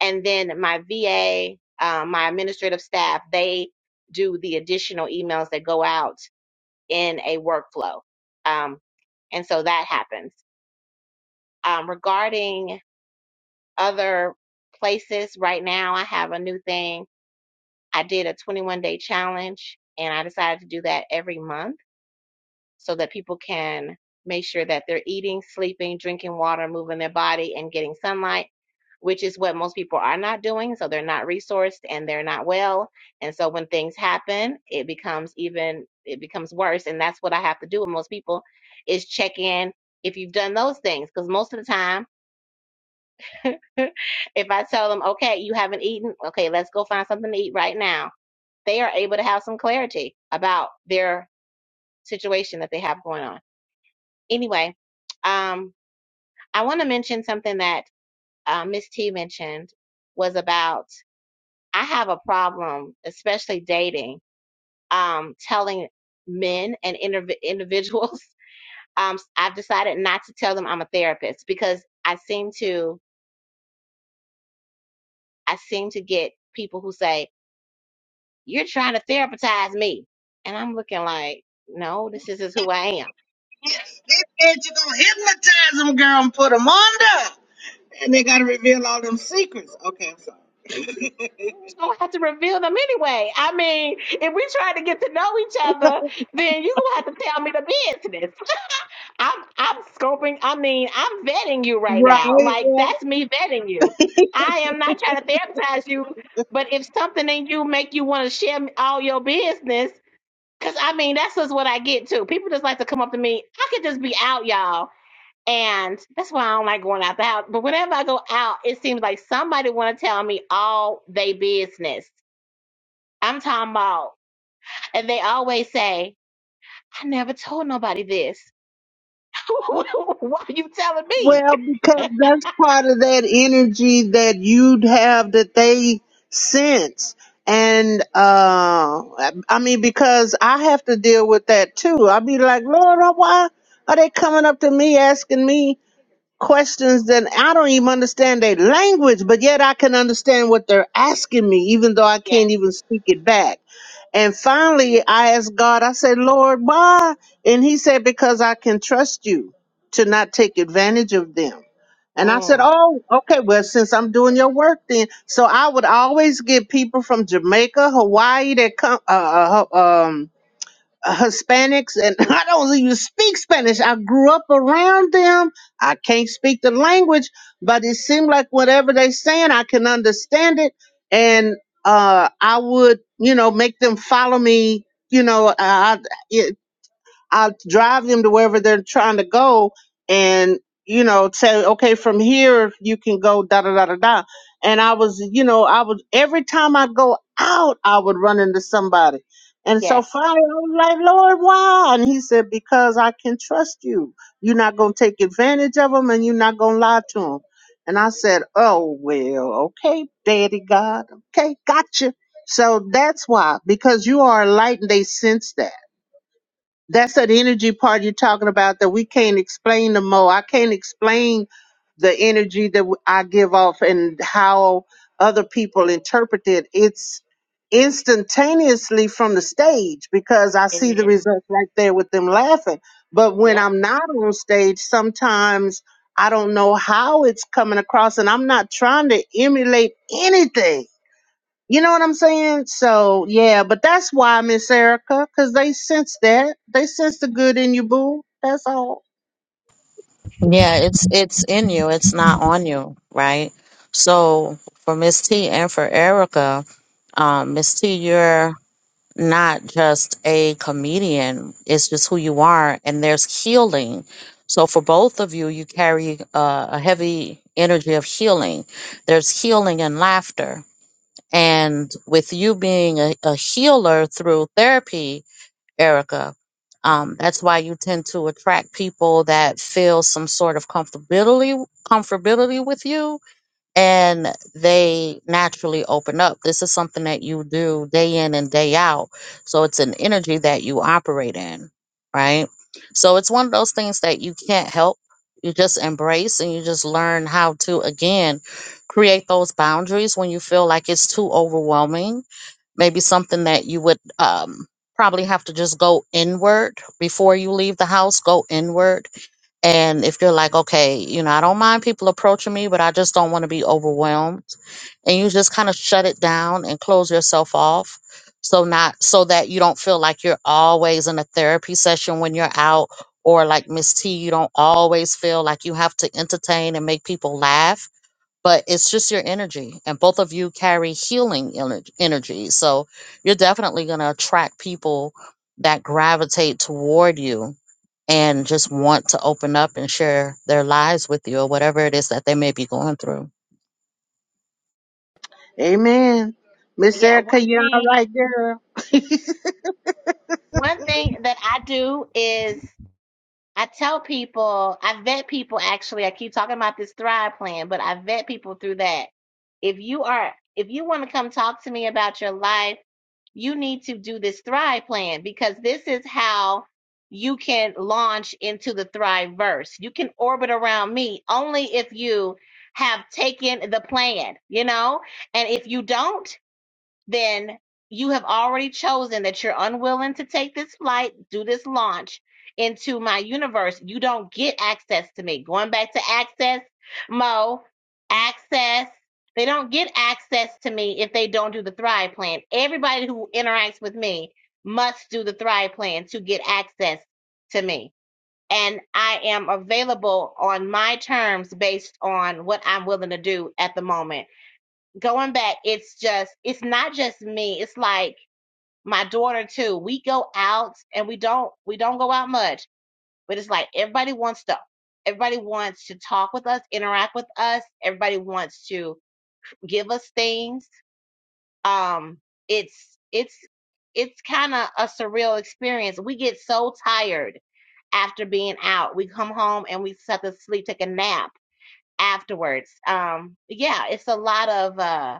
and then my va uh, my administrative staff they do the additional emails that go out in a workflow. Um, and so that happens. Um, regarding other places, right now I have a new thing. I did a 21 day challenge and I decided to do that every month so that people can make sure that they're eating, sleeping, drinking water, moving their body, and getting sunlight which is what most people are not doing. So they're not resourced and they're not well. And so when things happen, it becomes even it becomes worse. And that's what I have to do with most people is check in if you've done those things. Because most of the time, if I tell them, okay, you haven't eaten, okay, let's go find something to eat right now, they are able to have some clarity about their situation that they have going on. Anyway, um, I want to mention something that uh, Miss T mentioned was about. I have a problem, especially dating, um, telling men and indiv- individuals. Um, I've decided not to tell them I'm a therapist because I seem to I seem to get people who say you're trying to therapize me, and I'm looking like, no, this is just who I am. And you gonna hypnotize them, girl, and put them under. And they gotta reveal all them secrets. Okay, I'm sorry. So I have to reveal them anyway. I mean, if we try to get to know each other, then you gonna have to tell me the business. I'm I'm scoping. I mean, I'm vetting you right Right. now. Like that's me vetting you. I am not trying to therapize you, but if something in you make you want to share me- all your business, because I mean that's just what I get too. People just like to come up to me. I could just be out, y'all, and that's why I don't like going out the house. But whenever I go out, it seems like somebody want to tell me all they business. I'm talking about, and they always say, "I never told nobody this." Why are you telling me? Well, because that's part of that energy that you'd have that they sense. And uh I I mean because I have to deal with that too. i would be like, Lord, why are they coming up to me asking me questions that I don't even understand their language, but yet I can understand what they're asking me, even though I Yes. can't even speak it back. And finally, I asked God, I said, Lord, why? And he said, because I can trust you to not take advantage of them. And I said, Mm. Oh, okay, well, since I'm doing your work then. So I would always get people from Jamaica, Hawaii that come, uh, uh, um, uh, Hispanics, and I don't even speak Spanish. I grew up around them. I can't speak the language, but it seemed like whatever they're saying, I can understand it. And uh, I would, you know, make them follow me. You know, uh, I'll drive them to wherever they're trying to go and, you know, say, okay, from here you can go da da da da da. And I was, you know, I was every time I go out, I would run into somebody. And so Yes, finally I was like, Lord, why? And he said, Because I can trust you. You're not gonna take advantage of them and you're not gonna lie to them. And I said, Oh well, okay, Daddy God, okay, gotcha. So that's why, because you are a light and they sense that that's that energy part you're talking about that we can't explain no more. I can't explain the energy that w- I give off and how other people interpret it. It's instantaneously from the stage because I it see the is. results right there with them laughing. But when Yep. I'm not on stage, sometimes I don't know how it's coming across, and I'm not trying to emulate anything. You know what I'm saying? So yeah, but that's why Miss Erica, because they sense that. They sense the good in you, boo. That's all. Yeah, it's it's in you, it's not on you, right? So for Miss T and for Erica, um, Miss T, you're not just a comedian. It's just who you are, and there's healing. So for both of you, you carry uh, a heavy energy of healing. There's healing and laughter, and with you being a, a healer through therapy, Erica. Um, that's why you tend to attract people that feel some sort of comfortability comfortability with you and they naturally open up. This is something that you do day in and day out. So it's an energy that you operate in, right? So it's one of those things that you can't help. You just embrace and you just learn how to, again, create those boundaries when you feel like it's too overwhelming. Maybe something that you would um, probably have to just go inward before you leave the house, go inward and if you're like, okay, you know, I don't mind people approaching me, but I just don't want to be overwhelmed. And you just kind of shut it down and close yourself off. So not so that you don't feel like you're always in a therapy session when you're out or like Miss T, you don't always feel like you have to entertain and make people laugh but it's just your energy and both of you carry healing ener- energy so you're definitely going to attract people that gravitate toward you and just want to open up and share their lives with you or whatever it is that they may be going through Amen. Miss Yeah. One Erica, you all thing, right, girl? one thing that I do is I tell people, I vet people actually. I keep talking about this Thrive plan, but I vet people through that. If you are, if you want to come talk to me about your life, you need to do this Thrive plan because this is how you can launch into the Thrive verse. You can orbit around me only if you have taken the plan, you know? And if you don't, then you have already chosen that you're unwilling to take this flight, do this launch into my universe. You don't get access to me. Going back to access, Mo, access. They don't get access to me if they don't do the Thrive Plan. Everybody who interacts with me must do the Thrive Plan to get access to me. And I am available on my terms based on what I'm willing to do at the moment going back, it's just it's not just me. It's like my daughter too. We go out and we don't we don't go out much, but it's like everybody wants to everybody wants to talk with us, interact with us. Everybody wants to give us things. Um it's it's it's kind of a surreal experience. We get so tired after being out. We come home and we just have to sleep, take a nap afterwards. Um yeah, it's a lot of uh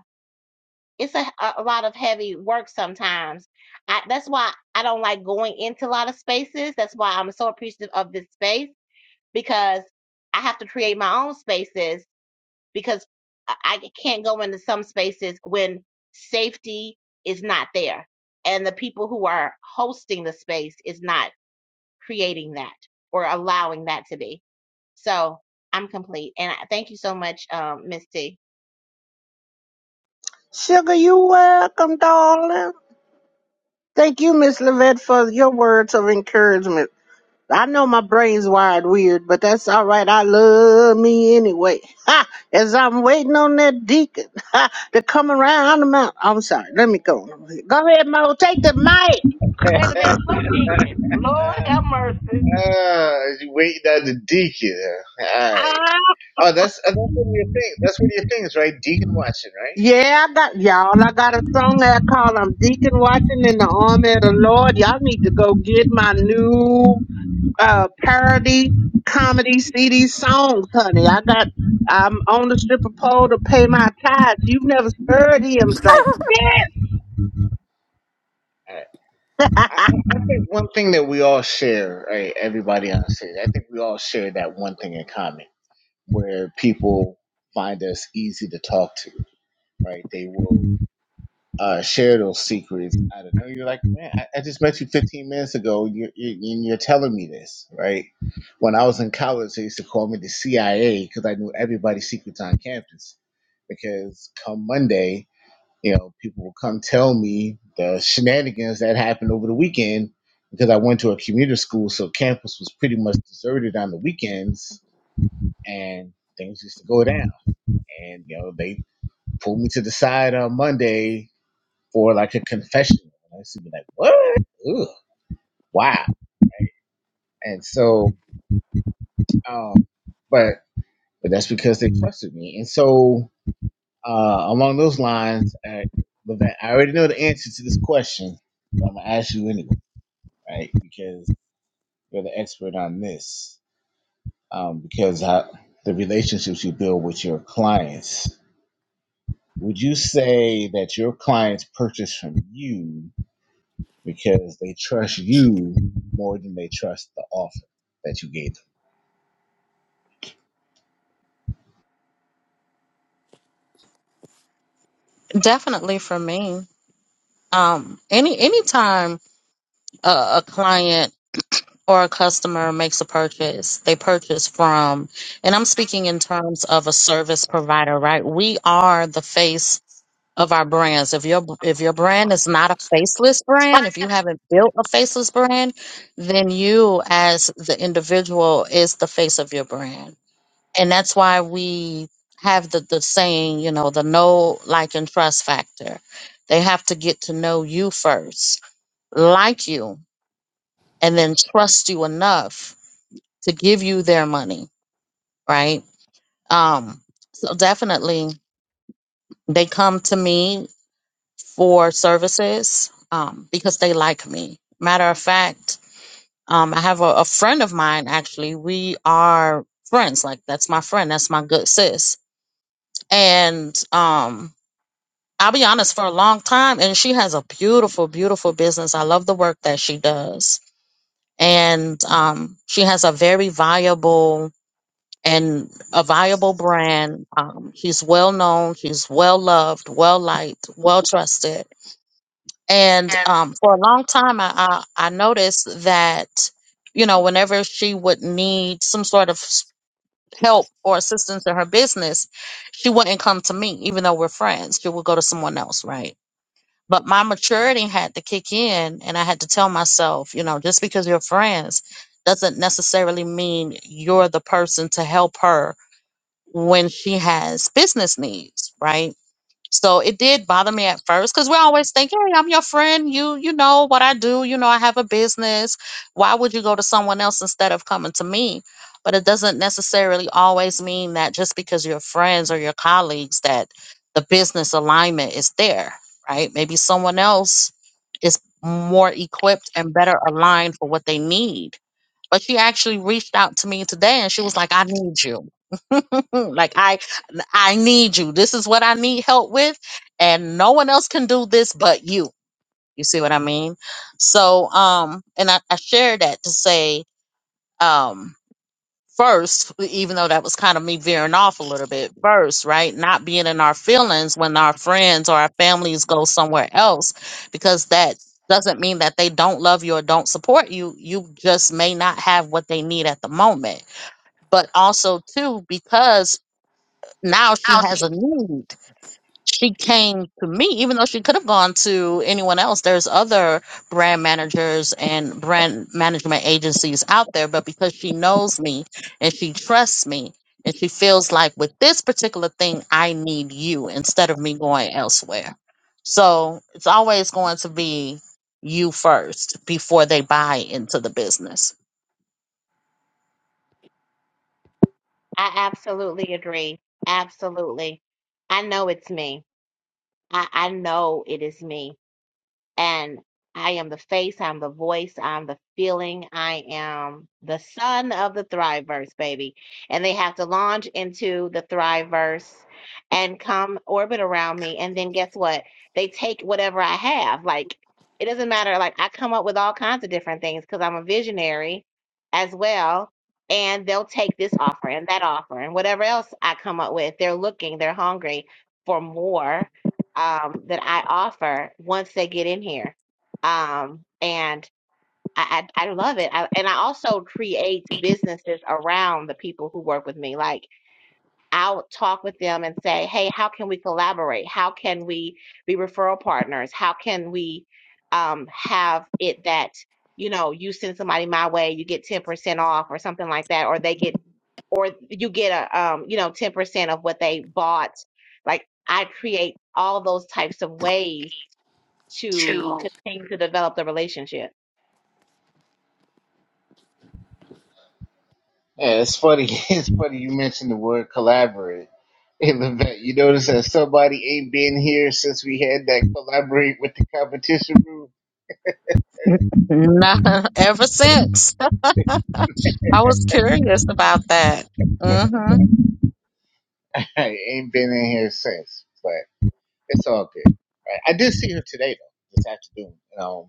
it's a, a lot of heavy work sometimes. I, that's why I don't like going into a lot of spaces. That's why I'm so appreciative of this space because I have to create my own spaces because I I can't go into some spaces when safety is not there and the people who are hosting the space is not creating that or allowing that to be. So I'm complete. And I, thank you so much, um, Miss T. Sugar, you welcome, darling. Thank you, Miss Levette, for your words of encouragement. I know my brain's wired weird, but that's all right. I love me anyway. Ha! As I'm waiting on that deacon ha, to come around the mountain. I'm sorry. Let me go. Go ahead, Mo. Take the mic. Wait a minute, what deacon? Lord have mercy. Ah, you waiting on the deacon. huh? All right. Ah! Oh, that's uh, that's one of your things. That's one of your things, right? Deacon watching, right? Yeah, I got y'all. I got a song that I call "I'm Deacon Watching in the Army of the Lord." Y'all need to go get my new uh parody comedy CD songs, honey. I got I'm on the stripper pole to pay my tithes. You've never heard hymns like All right. this. I I think one thing that we all share, right? Everybody on stage, I think we all share that one thing in common, where people find us easy to talk to, right? They will. uh, share those secrets. I don't know. You're like, man, I, I just met you 15 minutes ago. You, you, and you're telling me this, right? When I was in college, they used to call me the CIA because I knew everybody's secrets on campus. Because come Monday, you know, people will come tell me the shenanigans that happened over the weekend because I went to a commuter school, so campus was pretty much deserted on the weekends, and things used to go down. And you know, they pulled me to the side on Monday for like a confession. And I used to be like, what? Ugh, wow. And so, um, but but that's because they trusted me. And so, uh, along those lines, I, I already know the answer to this question, but I'm gonna ask you anyway, right? Because you're the expert on this. Um, because I, the relationships you build with your clients, would you say that your clients purchase from you? because they trust you more than they trust the offer that you gave them. definitely for me um any anytime a, a client or a customer makes a purchase they purchase from and i'm speaking in terms of a service provider right we are the face of our brands. If your if your brand is not a faceless brand, if you haven't built a faceless brand, then you as the individual is the face of your brand. And that's why we have the, the saying, you know, the know, like and trust factor. They have to get to know you first, like you, and then trust you enough to give you their money, right? Um, so definitely they come to me for services um, because they like me. Matter of fact, um, I have a, a friend of mine, actually, we are friends. Like, that's my friend, that's my good sis. And um, I'll be honest, for a long time, and she has a beautiful, beautiful business. I love the work that she does. And um, she has a very viable and a viable brand. Um, she's well known, she's well loved, well liked, well trusted And yeah. um, for a long time, I, I I noticed that you know whenever she would need some sort of s- help or assistance in her business, she wouldn't come to me, even though we're friends. She would go to someone else, right? But my maturity had to kick in, and I had to tell myself, you know, just because you're friends doesn't necessarily mean you're the person to help her when she has business needs, right? So it did bother me at first because we are always thinking, hey, I'm your friend. You you know what I do. You know I have a business. Why would you go to someone else instead of coming to me? But it doesn't necessarily always mean that just because you're friends or your colleagues that the business alignment is there, right? Maybe someone else is more equipped and better aligned for what they need. But she actually reached out to me today and she was like, I need you. like I I need you. This is what I need help with. And no one else can do this but you. You see what I mean? So, um, and I, I share that to say, um, first, even though that was kind of me veering off a little bit, first, right? Not being in our feelings when our friends or our families go somewhere else, because that doesn't mean that they don't love you or don't support you. You just may not have what they need at the moment. But also, too, because now she has a need she came to me, even though she could have gone to anyone else. There's other brand managers and brand management agencies out there, but because she knows me and she trusts me and she feels like with this particular thing, I need you instead of me going elsewhere. So it's always going to be you first before they buy into the business. I absolutely agree. Absolutely. I know it's me. I, I know it is me and I am the face, I'm the voice, I'm the feeling, I am the son of the Thriveverse, baby. And they have to launch into the Thriveverse and come orbit around me. And then guess what? They take whatever I have. Like, it doesn't matter. Like, I come up with all kinds of different things because I'm a visionary as well. And they'll take this offer and that offer and whatever else I come up with. They're looking, they're hungry for more um, that I offer once they get in here. Um, and I, I, I love it. I, and I also create businesses around the people who work with me. Like I'll talk with them and say, hey, how can we collaborate? How can we be referral partners? How can we um, have it that, you know, you send somebody my way, you get 10% off or something like that, or they get, or you get a, um, you know, 10% of what they bought. Like I create all those types of ways to continue to develop the relationship. Yeah, it's funny. It's funny you mentioned the word collaborate. Hey, Levette, you notice that somebody ain't been here since we had that collaborate with the competition room? Nah. ever since. I was curious about that. Mm-hmm. I ain't been in here since, but it's all good. Right? I did see her today, though, this afternoon. Um,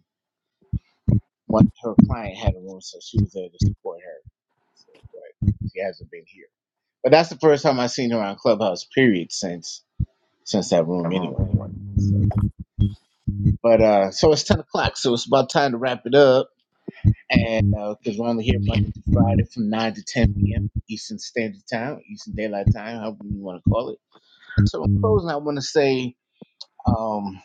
one her client had a room, so she was there to support her. So, but she hasn't been here. But that's the first time I've seen her on Clubhouse. Period. Since since that room, anyway. So, but uh, so it's ten o'clock, so it's about time to wrap it up. And because we're only here Monday to Friday from nine to ten p.m. Eastern Standard Time, Eastern Daylight Time, however you want to call it. And so in closing, I want to say um,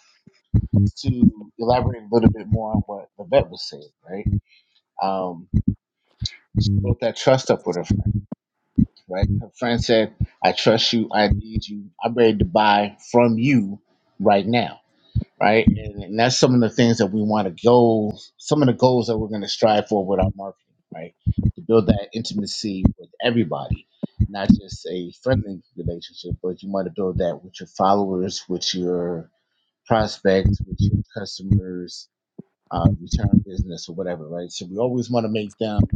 to elaborate a little bit more on what the vet was saying, right? Um, built that trust up with her friend. right? Her friend said, I trust you, I need you, I'm ready to buy from you right now, right? And, and that's some of the things that we want to go, some of the goals that we're going to strive for with our marketing, right? To build that intimacy with everybody, not just a friendly relationship, but you want to build that with your followers, with your prospects, with your customers, uh, return business or whatever, right? So we always want to make them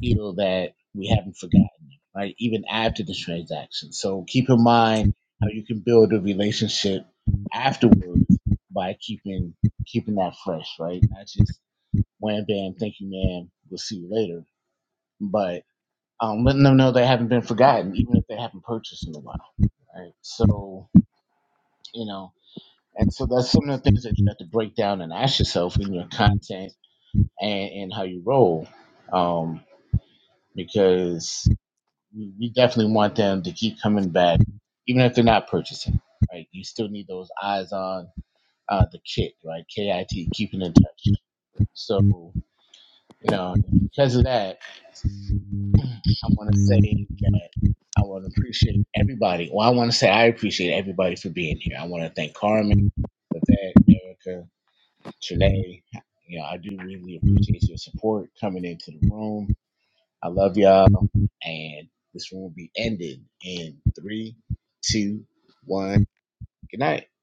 feel that we haven't forgotten them, right? Even after the transaction. So keep in mind how you can build a relationship afterwards by keeping keeping that fresh, right? Not just wham bam, thank you, ma'am, we'll see you later. But um, letting them know they haven't been forgotten, even if they haven't purchased in a while. Right. So, you know, and so that's some of the things that you have to break down and ask yourself in your content and, and how you roll. Um, because you definitely want them to keep coming back, even if they're not purchasing, right? You still need those eyes on uh, the kit, right? K I T, keeping in touch. So, you know, because of that, I want to say that I want to appreciate everybody. Well, I want to say I appreciate everybody for being here. I want to thank Carmen, Vivek, Erica, Trinae. You know, I do really appreciate your support coming into the room I love y'all. And this one will be ended in three, two, one. Good night.